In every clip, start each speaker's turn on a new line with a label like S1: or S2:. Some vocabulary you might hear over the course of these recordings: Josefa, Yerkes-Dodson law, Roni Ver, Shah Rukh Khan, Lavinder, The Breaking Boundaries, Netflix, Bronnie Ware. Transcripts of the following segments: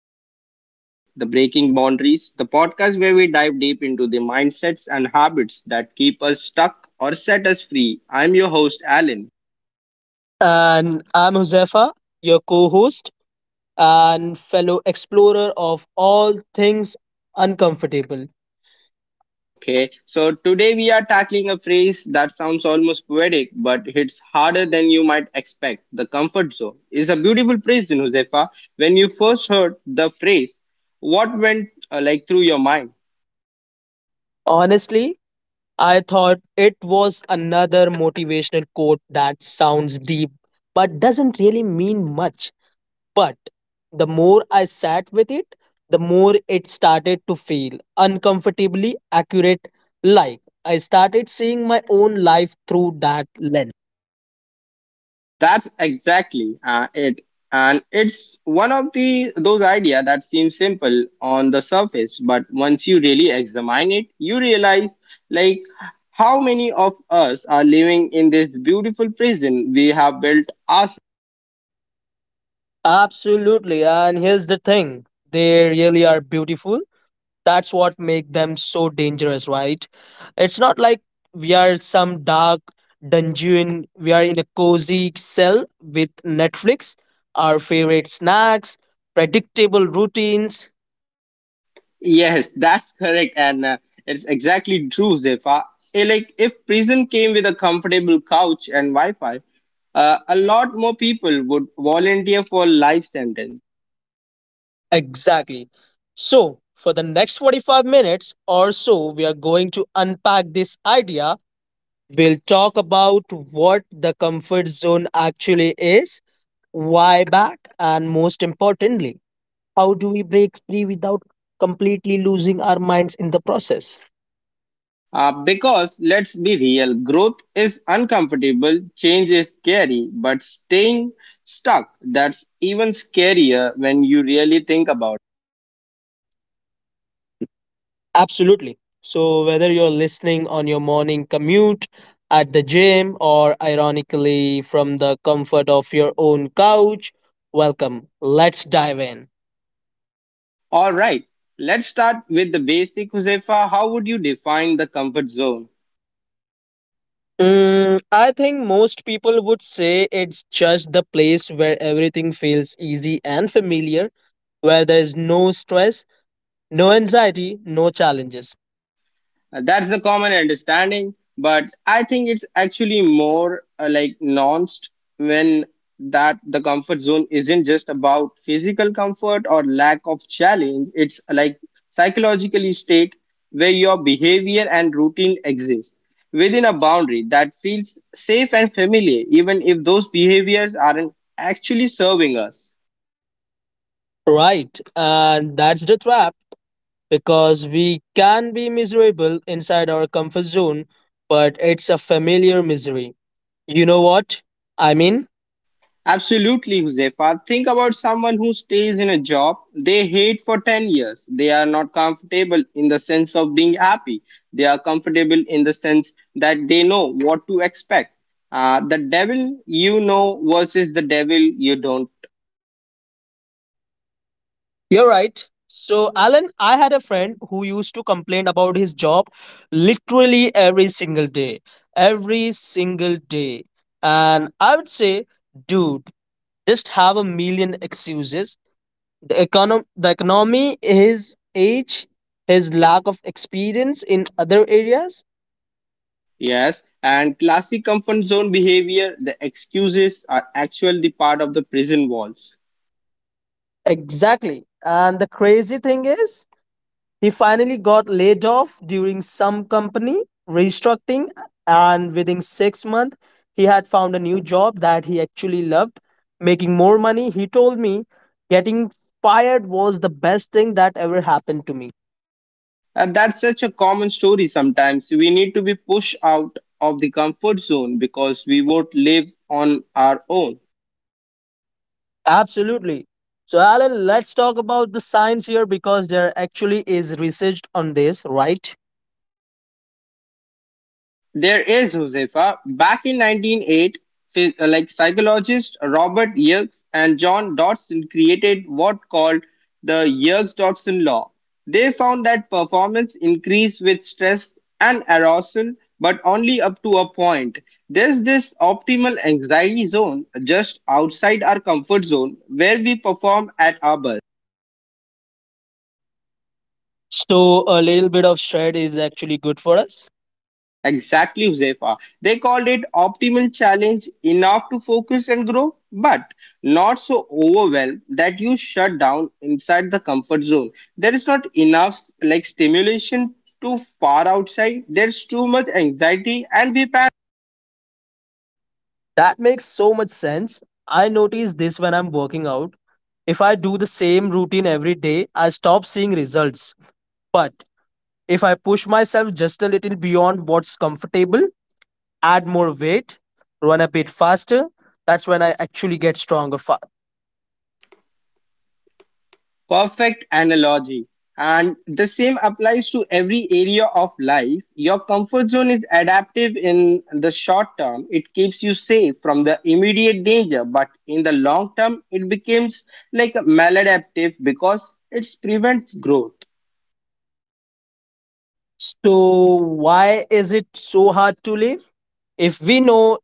S1: my podcast, guys, The Breaking Boundaries, the podcast where we dive deep into the mindsets and habits that keep us stuck or set us free. I'm your host, Alan.
S2: And I'm Josefa, your co host and fellow explorer of all things uncomfortable.
S1: Okay, so today we are tackling a phrase that sounds almost poetic but hits harder than you might expect. The comfort zone is a beautiful phrase, Josefa. When you first heard the phrase, what went through your mind?
S2: Honestly, I thought it was another motivational quote that sounds deep but doesn't really mean much. But the more I sat with it, the more it started to feel uncomfortably accurate. Like I started seeing my own life through that lens.
S1: That's exactly it. And it's one of the those idea that seems simple on the surface, but once you really examine it, you realize like how many of us are living in this beautiful prison we have built us.
S2: Absolutely. And here's the thing, they really are beautiful. That's what make them so dangerous, right? It's not like we are some dark dungeon. We are in a cozy cell with Netflix, our favorite snacks, predictable routines.
S1: Yes, that's correct, and it's exactly true, Zefa. Like if prison came with a comfortable couch and Wi-Fi, a lot more people would volunteer for life sentence.
S2: Exactly. So, for the next 45 minutes or so, we are going to unpack this idea. We'll talk about what the comfort zone actually is. Why back? And most importantly, how do we break free without completely losing our minds in the process?
S1: Because let's be real, growth is uncomfortable, change is scary, but staying stuck, that's even scarier when you really think about
S2: Absolutely. So, whether you're listening on your morning commute, at the gym, or ironically from the comfort of your own couch, welcome. Let's dive in.
S1: it. Alright, let's start with the basic, Josefa. How would you define the comfort zone?
S2: Mm, I think most people would say it's just the place where everything feels easy and familiar, where there is no stress, no anxiety, no challenges.
S1: That's the common understanding, but I think it's actually more nuanced when that the comfort zone isn't just about physical comfort or lack of challenge. It's like psychologically state where your behavior and routine exist within a boundary that feels safe and familiar, even if those behaviors aren't actually serving us.
S2: Right, and that's the trap because we can be miserable inside our comfort zone, but it's a familiar misery. You know what I mean?
S1: Absolutely, Huzefa. Think about someone who stays in a job they hate for 10 years. They are not comfortable in the sense of being happy. They are comfortable in the sense that they know what to expect. The devil you know versus the devil you don't.
S2: You're right. So, Alan, I had a friend who used to complain about his job literally every single day. Every single day. And I would say, dude, just have a million excuses. The The economy, his age, his lack of experience in other areas.
S1: Yes. And classic comfort zone behavior, the excuses are actually the part of the prison wall.
S2: Exactly. And the crazy thing is, he finally got laid off during some company restructuring, and within 6 months, he had found a new job that he actually loved, making more money. He told me, getting fired was the best thing that ever happened to me.
S1: And that's such a common story sometimes. We need to be pushed out of the comfort zone because we won't live on our own.
S2: Absolutely. So, Alan, let's talk about the science here because there actually is research on this, right?
S1: There is Josefa. Back in 1908, psychologist Robert Yerkes and John Dodson created what called the Yerkes-Dodson law. They found that performance increased with stress and arousal, but only up to a point. There's this optimal anxiety zone just outside our comfort zone where we perform at our best.
S2: So, a little bit of shred is actually good for us.
S1: Exactly, Josefa. They called it optimal challenge enough to focus and grow, but not so overwhelmed that you shut down inside the comfort zone. There is not enough like stimulation too far outside. There's too much anxiety and we panic.
S2: That makes so much sense. I notice this when I'm working out. If I do the same routine every day, I stop seeing results. But if I push myself just a little beyond what's comfortable, add more weight, run a bit faster, that's when I actually get stronger. Fa-
S1: Perfect analogy. And the same applies to every area of life. Your comfort zone is adaptive in the short term. It keeps you safe from the immediate danger, but in the long term, it becomes like maladaptive because it prevents growth.
S2: So, why is it so hard to live? If we know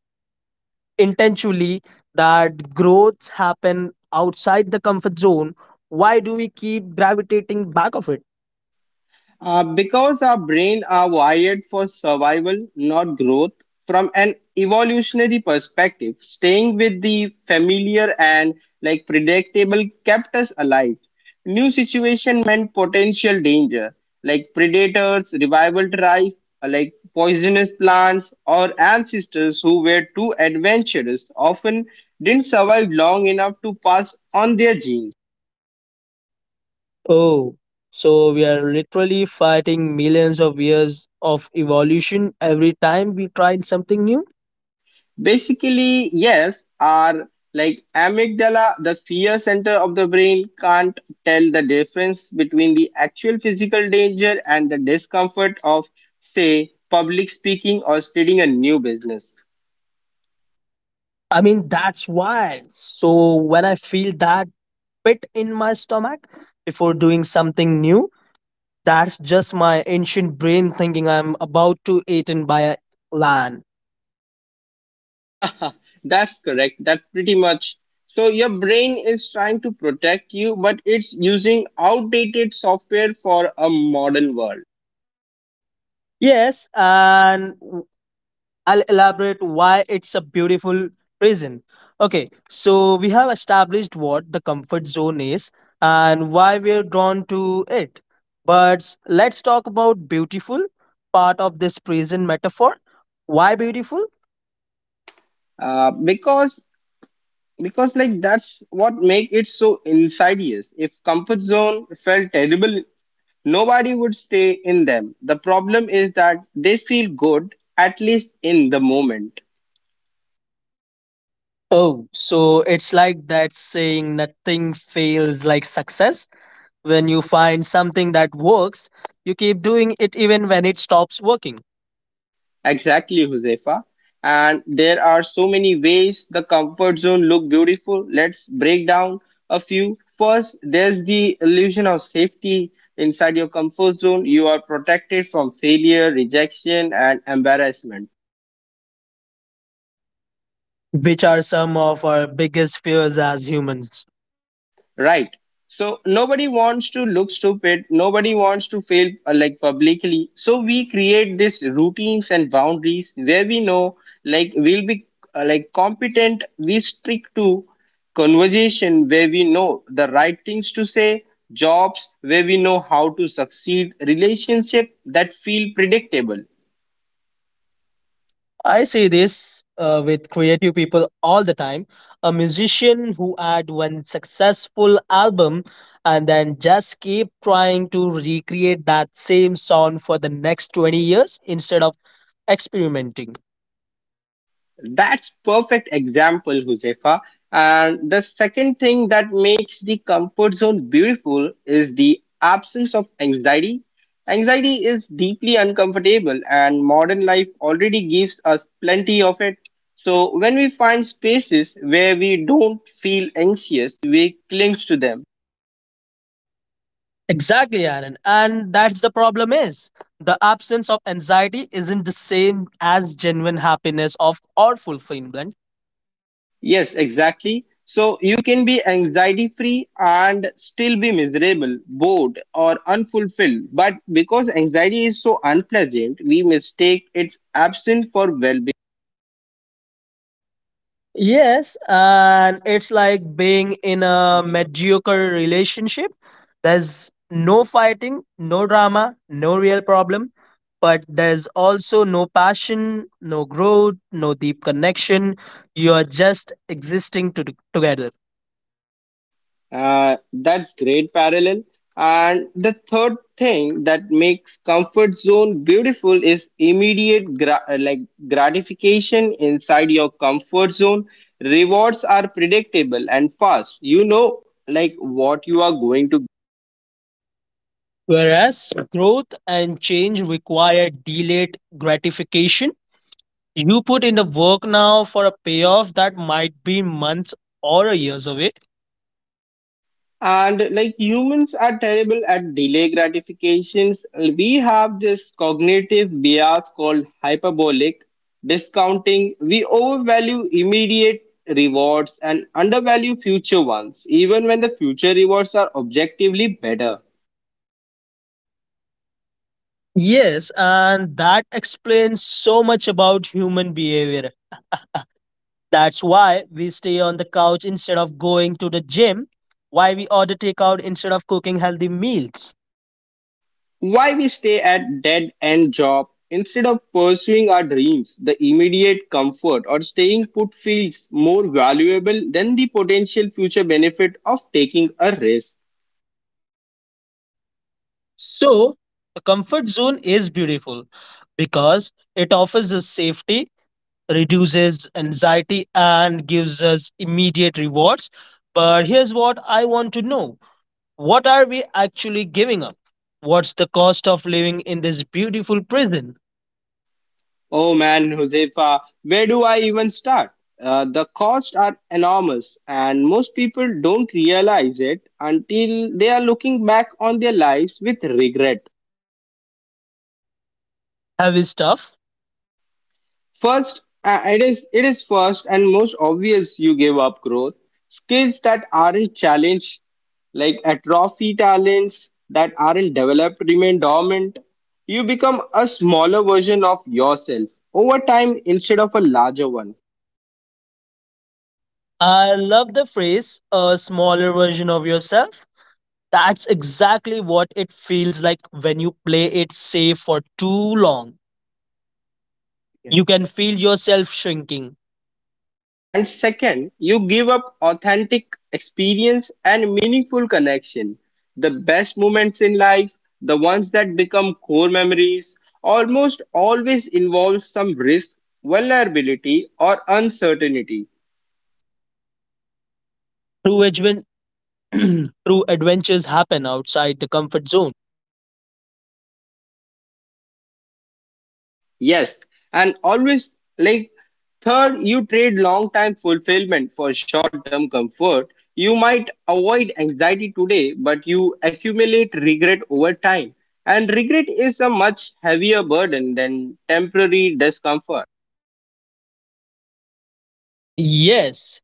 S2: intentionally that growths happen outside the comfort zone, why do we keep gravitating back of it?
S1: Because our brain are wired for survival, not growth. From an evolutionary perspective, staying with the familiar and like predictable kept us alive. New situation meant potential danger, like predators, revival drive, poisonous plants, or ancestors who were too adventurous often didn't survive long enough to pass on their genes.
S2: Oh, so we are literally fighting millions of years of evolution every time we try something new.
S1: Basically, yes, our like amygdala, the fear center of the brain, can't tell the difference between the actual physical danger and the discomfort of, say, public speaking or starting a new business.
S2: I mean, that's why so when I feel that pit in my stomach before doing something new, that's just my ancient brain thinking I'm about to eaten by a lion.
S1: That's correct. That's pretty much. So your brain is trying to protect you, but it's using outdated software for a modern world.
S2: Yes, and I'll elaborate why it's a beautiful prison. Okay, so we have established what the comfort zone is and why we're drawn to it. But let's talk about beautiful part of this prison metaphor. Why beautiful?
S1: Uh, because because that's what make it so insidious. If comfort zone felt terrible, nobody would stay in them. The problem is that they feel good, at least in the moment.
S2: Oh, so it's like that saying nothing fails like success. When you find something that works, you keep doing it even when it stops working,
S1: Exactly, Josefa. And there are so many ways the comfort zone look beautiful. Let's break down a few. First, there's the illusion of safety. Inside your comfort zone you are protected from failure, rejection and embarrassment.
S2: which are some of our biggest fears as humans.
S1: Right. So nobody wants to look stupid. Nobody wants to fail publicly. So we create these routines and boundaries where we know like we'll be competent. We stick to conversation where we know the right things to say, jobs where we know how to succeed, relationship that feel predictable.
S2: I see this with creative people all the time. A musician who had one successful album and then just keep trying to recreate that same sound for the next 20 years instead of experimenting.
S1: That's perfect example, Huzefa. And the second thing that makes the comfort zone beautiful is the absence of anxiety. Anxiety is deeply uncomfortable, and modern life already gives us plenty of it. So when we find spaces where we don't feel anxious, we cling to them.
S2: Exactly, Aaron. And that's the problem is the absence of anxiety isn't the same as genuine happiness of or fulfillment.
S1: Yes, exactly. So you can be anxiety free and still be miserable, bored, or unfulfilled. But because anxiety is so unpleasant, we mistake its absence for well being.
S2: Yes, and it's like being in a mediocre relationship. There's no fighting, no drama, no real problem, but there's also no passion, no growth, no deep connection. You're just together.
S1: That's great parallel. And the third thing that makes comfort zone beautiful is immediate gratification inside your comfort zone. Rewards are predictable and fast. You know like what you are going to.
S2: Whereas growth and change require delayed gratification. You put in the work now for a payoff that might be months or years away.
S1: And like humans are terrible at delay gratifications, we have this cognitive bias called hyperbolic discounting. We overvalue immediate rewards and undervalue future ones, even when the future rewards are objectively better.
S2: Yes, and that explains so much about human behavior. That's why we stay on the couch instead of going to the gym, why we order takeout instead of cooking healthy meals.
S1: Why we stay at dead end job instead of pursuing our dreams, the immediate comfort or staying put feels more valuable than the potential future benefit of taking a risk.
S2: So, the comfort zone is beautiful because it offers us safety, reduces anxiety, and gives us immediate rewards. But here's what I want to know, what are we actually giving up? What's the cost of living in this beautiful prison?
S1: Oh man, Josefa, where do I even start? The costs are enormous, and most people don't realize it until they are looking back on their lives with regret.
S2: Heavy stuff.
S1: First, it is first and most obvious you give up growth. Skills that aren't challenged, like atrophy talents that aren't developed, remain dormant. You become a smaller version of yourself over time instead of a larger one.
S2: I love the phrase a smaller version of yourself. That's exactly what it feels like when you play it safe for too long. Yeah. You can feel yourself shrinking.
S1: And second, you give up authentic experience and meaningful connection. The best moments in life, the ones that become core memories, almost always involve some risk, vulnerability, or uncertainty.
S2: True, adven- True adventures happen outside the comfort zone.
S1: Yes, and always like third, you trade long time fulfillment for short term comfort. You might avoid anxiety today, but you accumulate regret over time. And regret is a much heavier burden than temporary discomfort.
S2: Yes,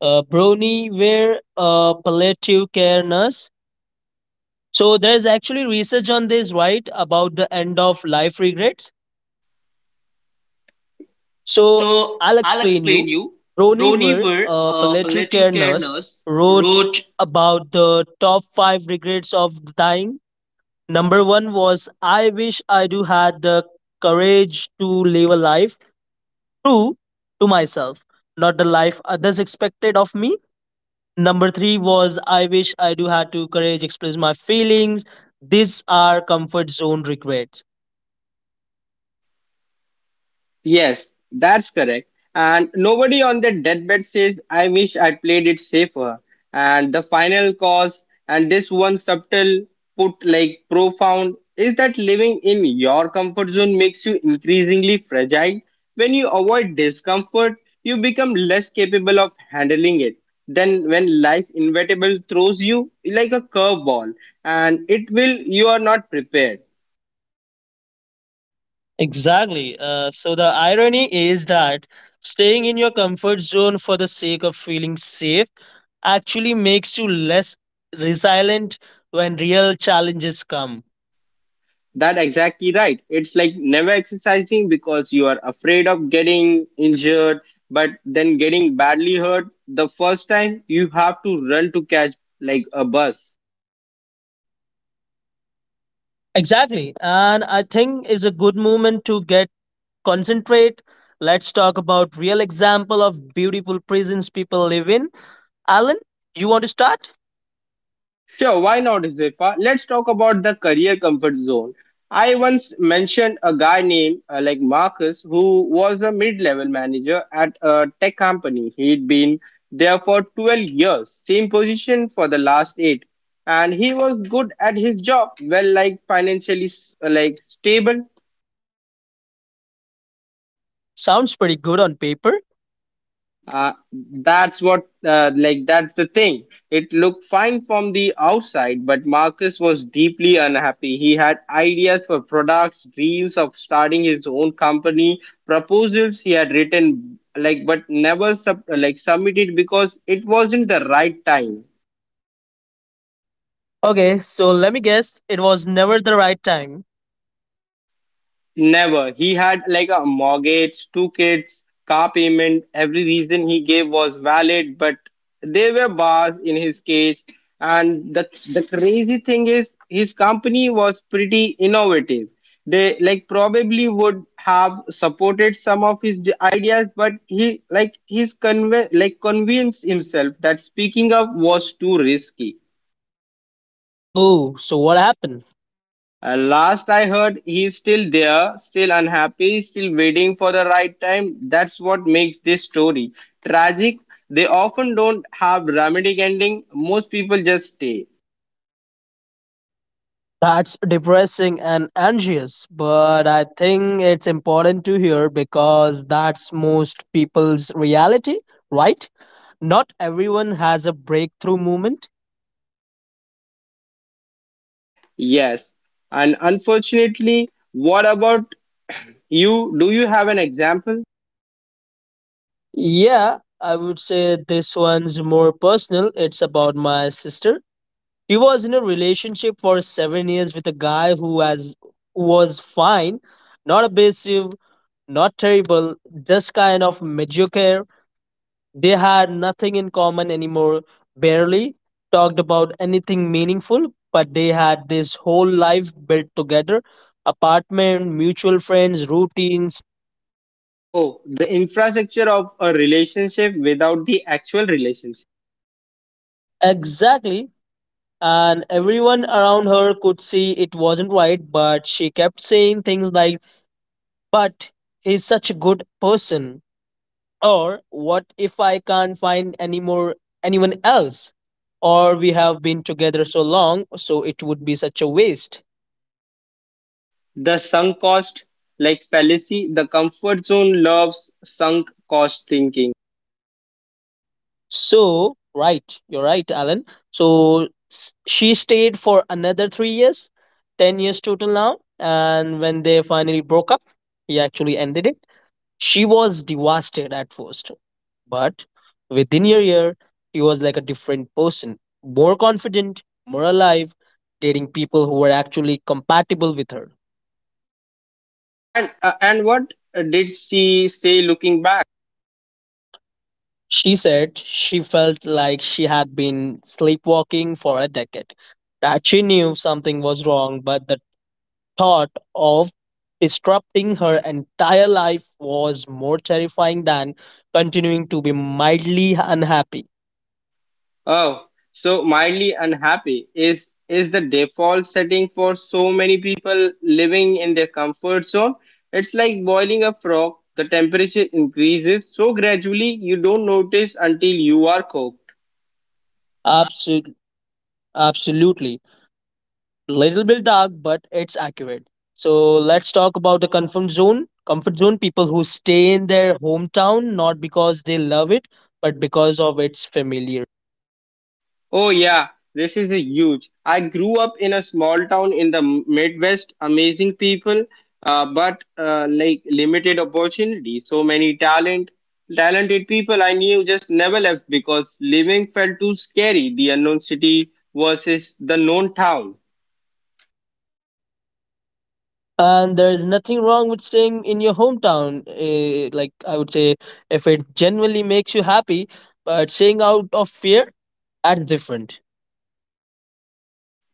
S2: brony wear palliative care nurse. So there's actually research on this, right? About the end of life regrets. So
S1: So
S2: I'll
S1: I'll
S2: explain you.
S1: explain you.
S2: Roni
S1: Bronnie
S2: Ver,
S1: Ware,
S2: a
S1: a
S2: palliative
S1: palliative
S2: care
S1: care
S2: nurse,
S1: nurse,
S2: wrote
S1: wrote.
S2: about the top five regrets of dying. Number one was, I wish I do had the courage to live a life true to myself, not the life others expected of me. Number three was, I wish I do had to courage express my feelings. These are comfort zone regrets.
S1: Yes, that's correct. And nobody on their deathbed says, I wish I'd played it safer. And the final cause, and this one subtle put like profound, is that living in your comfort zone makes you increasingly fragile. When you avoid discomfort, you become less capable of handling it. Then, when life inevitable throws you like a curveball, and it will, you are not prepared.
S2: Exactly. So the irony is that staying in your comfort zone for the sake of feeling safe actually makes you less resilient when real challenges come.
S1: That exactly right. It's like never exercising because you are afraid of getting injured, but then getting badly hurt the first time you have to run to catch like a bus.
S2: Exactly. And I think is a good moment to get concentrate. Let's talk about real example of beautiful prisons people live in. Alan, you want to start?
S1: Sure, why not, Zefa? Let's talk about the career comfort zone. I once mentioned a guy named Marcus who was a mid-level manager at a tech company. He'd been there for 12 years, same position for the last 8, and he was good at his job, well like financially stable,
S2: Sounds pretty good on paper.
S1: uh, that's what like that's the thing. It looked fine from the outside, but Marcus was deeply unhappy. He had ideas for products, dreams of starting his own company, proposals he had written like but never submitted because it wasn't the right time.
S2: Okay, so let me guess, it was never the right time.
S1: Never. He had like a mortgage, two kids, car payment. Every reason he gave was valid, but there were bars in his cage. And the crazy thing is, his company was pretty innovative. They like probably would have supported some of his ideas, but he like he's convinced himself that speaking up was too risky.
S2: Oh, so what happened?
S1: Last I heard, he's still there, still unhappy, still waiting for the right time. That's what makes this story tragic. They often don't have dramatic ending. Most people just stay.
S2: That's depressing and anxious, but I think it's important to hear because that's most people's reality, right? Not everyone has a breakthrough moment.
S1: Yes, and unfortunately, what about you? Do you have an example?
S2: Yeah, I would say this one's more personal. It's about my sister. She was in a relationship for 7 years with a guy who has was fine, not abusive, not terrible, just kind of mediocre. They had nothing in common anymore, barely talked about anything meaningful, but they had this whole life built together, apartment, mutual friends, routines.
S1: Oh, the infrastructure of a relationship without the actual relationship.
S2: Exactly. And everyone around her could see it wasn't right, but she kept saying things like, but he's such a good person. Or, what if I can't find anyone else? Or, we have been together so long, so it would be such a waste.
S1: The sunk cost, like fallacy, the comfort zone loves sunk cost thinking.
S2: So, right, you're right, Alan. So, she stayed for another 3 years, 10 years total now. And when they finally broke up, he actually ended it. She was devastated at first, but within a year, she was like a different person, more confident, more alive, dating people who were actually compatible with her.
S1: And what did she say looking back?
S2: She said she felt like she had been sleepwalking for a decade, that she knew something was wrong, but the thought of disrupting her entire life was more terrifying than continuing to be mildly unhappy.
S1: Oh, so mildly unhappy is the default setting for so many people living in their comfort zone. It's like boiling a frog. The temperature increases so gradually you don't notice until you are cooked.
S2: Absol- absolutely. Little bit dark, but it's accurate. So let's talk about the comfort zone. Comfort zone people who stay in their hometown not because they love it, but because of its familiarity.
S1: Oh, yeah, this is a huge. I grew up in a small town in the Midwest, amazing people, but limited opportunity. So many talented people I knew just never left because living felt too scary. The unknown city versus the known town.
S2: And there's nothing wrong with staying in your hometown, like I would say, if it genuinely makes you happy. But staying out of fear, that's different.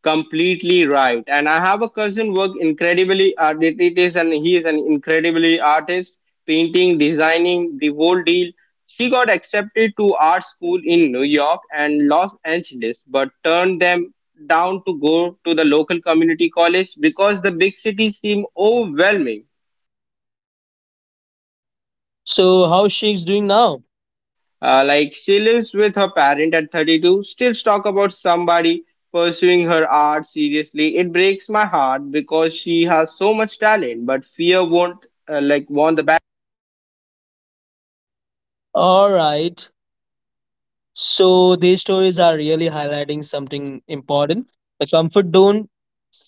S1: Completely right, and I have a cousin work incredibly, it it is and he is an incredibly artist, painting, designing, the whole deal. She got accepted to art school in New York and Los Angeles but turned them down to go to the local community college because the big city seemed overwhelming.
S2: So how she's doing now.
S1: She lives with her parent at 32, still talk about somebody pursuing her art seriously. It breaks my heart because she has so much talent, but fear won't want the back.
S2: All right so these stories are really highlighting something important. The comfort zone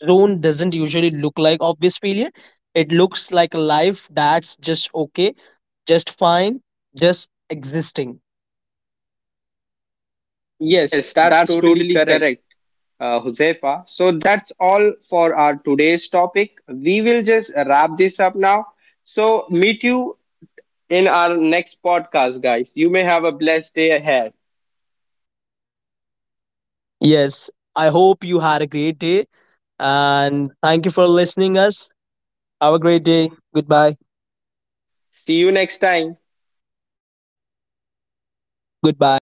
S2: zone doesn't usually look like obvious failure. It looks like a life that's just okay, just fine, just existing. Yes,
S1: Yes,
S2: that's
S1: that's
S2: totally
S1: totally
S2: correct.
S1: correct, Josefa. So that's all for our today's topic. We will just wrap this up now. So meet you in our next podcast, guys. You may have a blessed day ahead.
S2: Yes, I hope you had a great day and thank you for listening us. Have a great day. Goodbye.
S1: See you next time.
S2: Goodbye.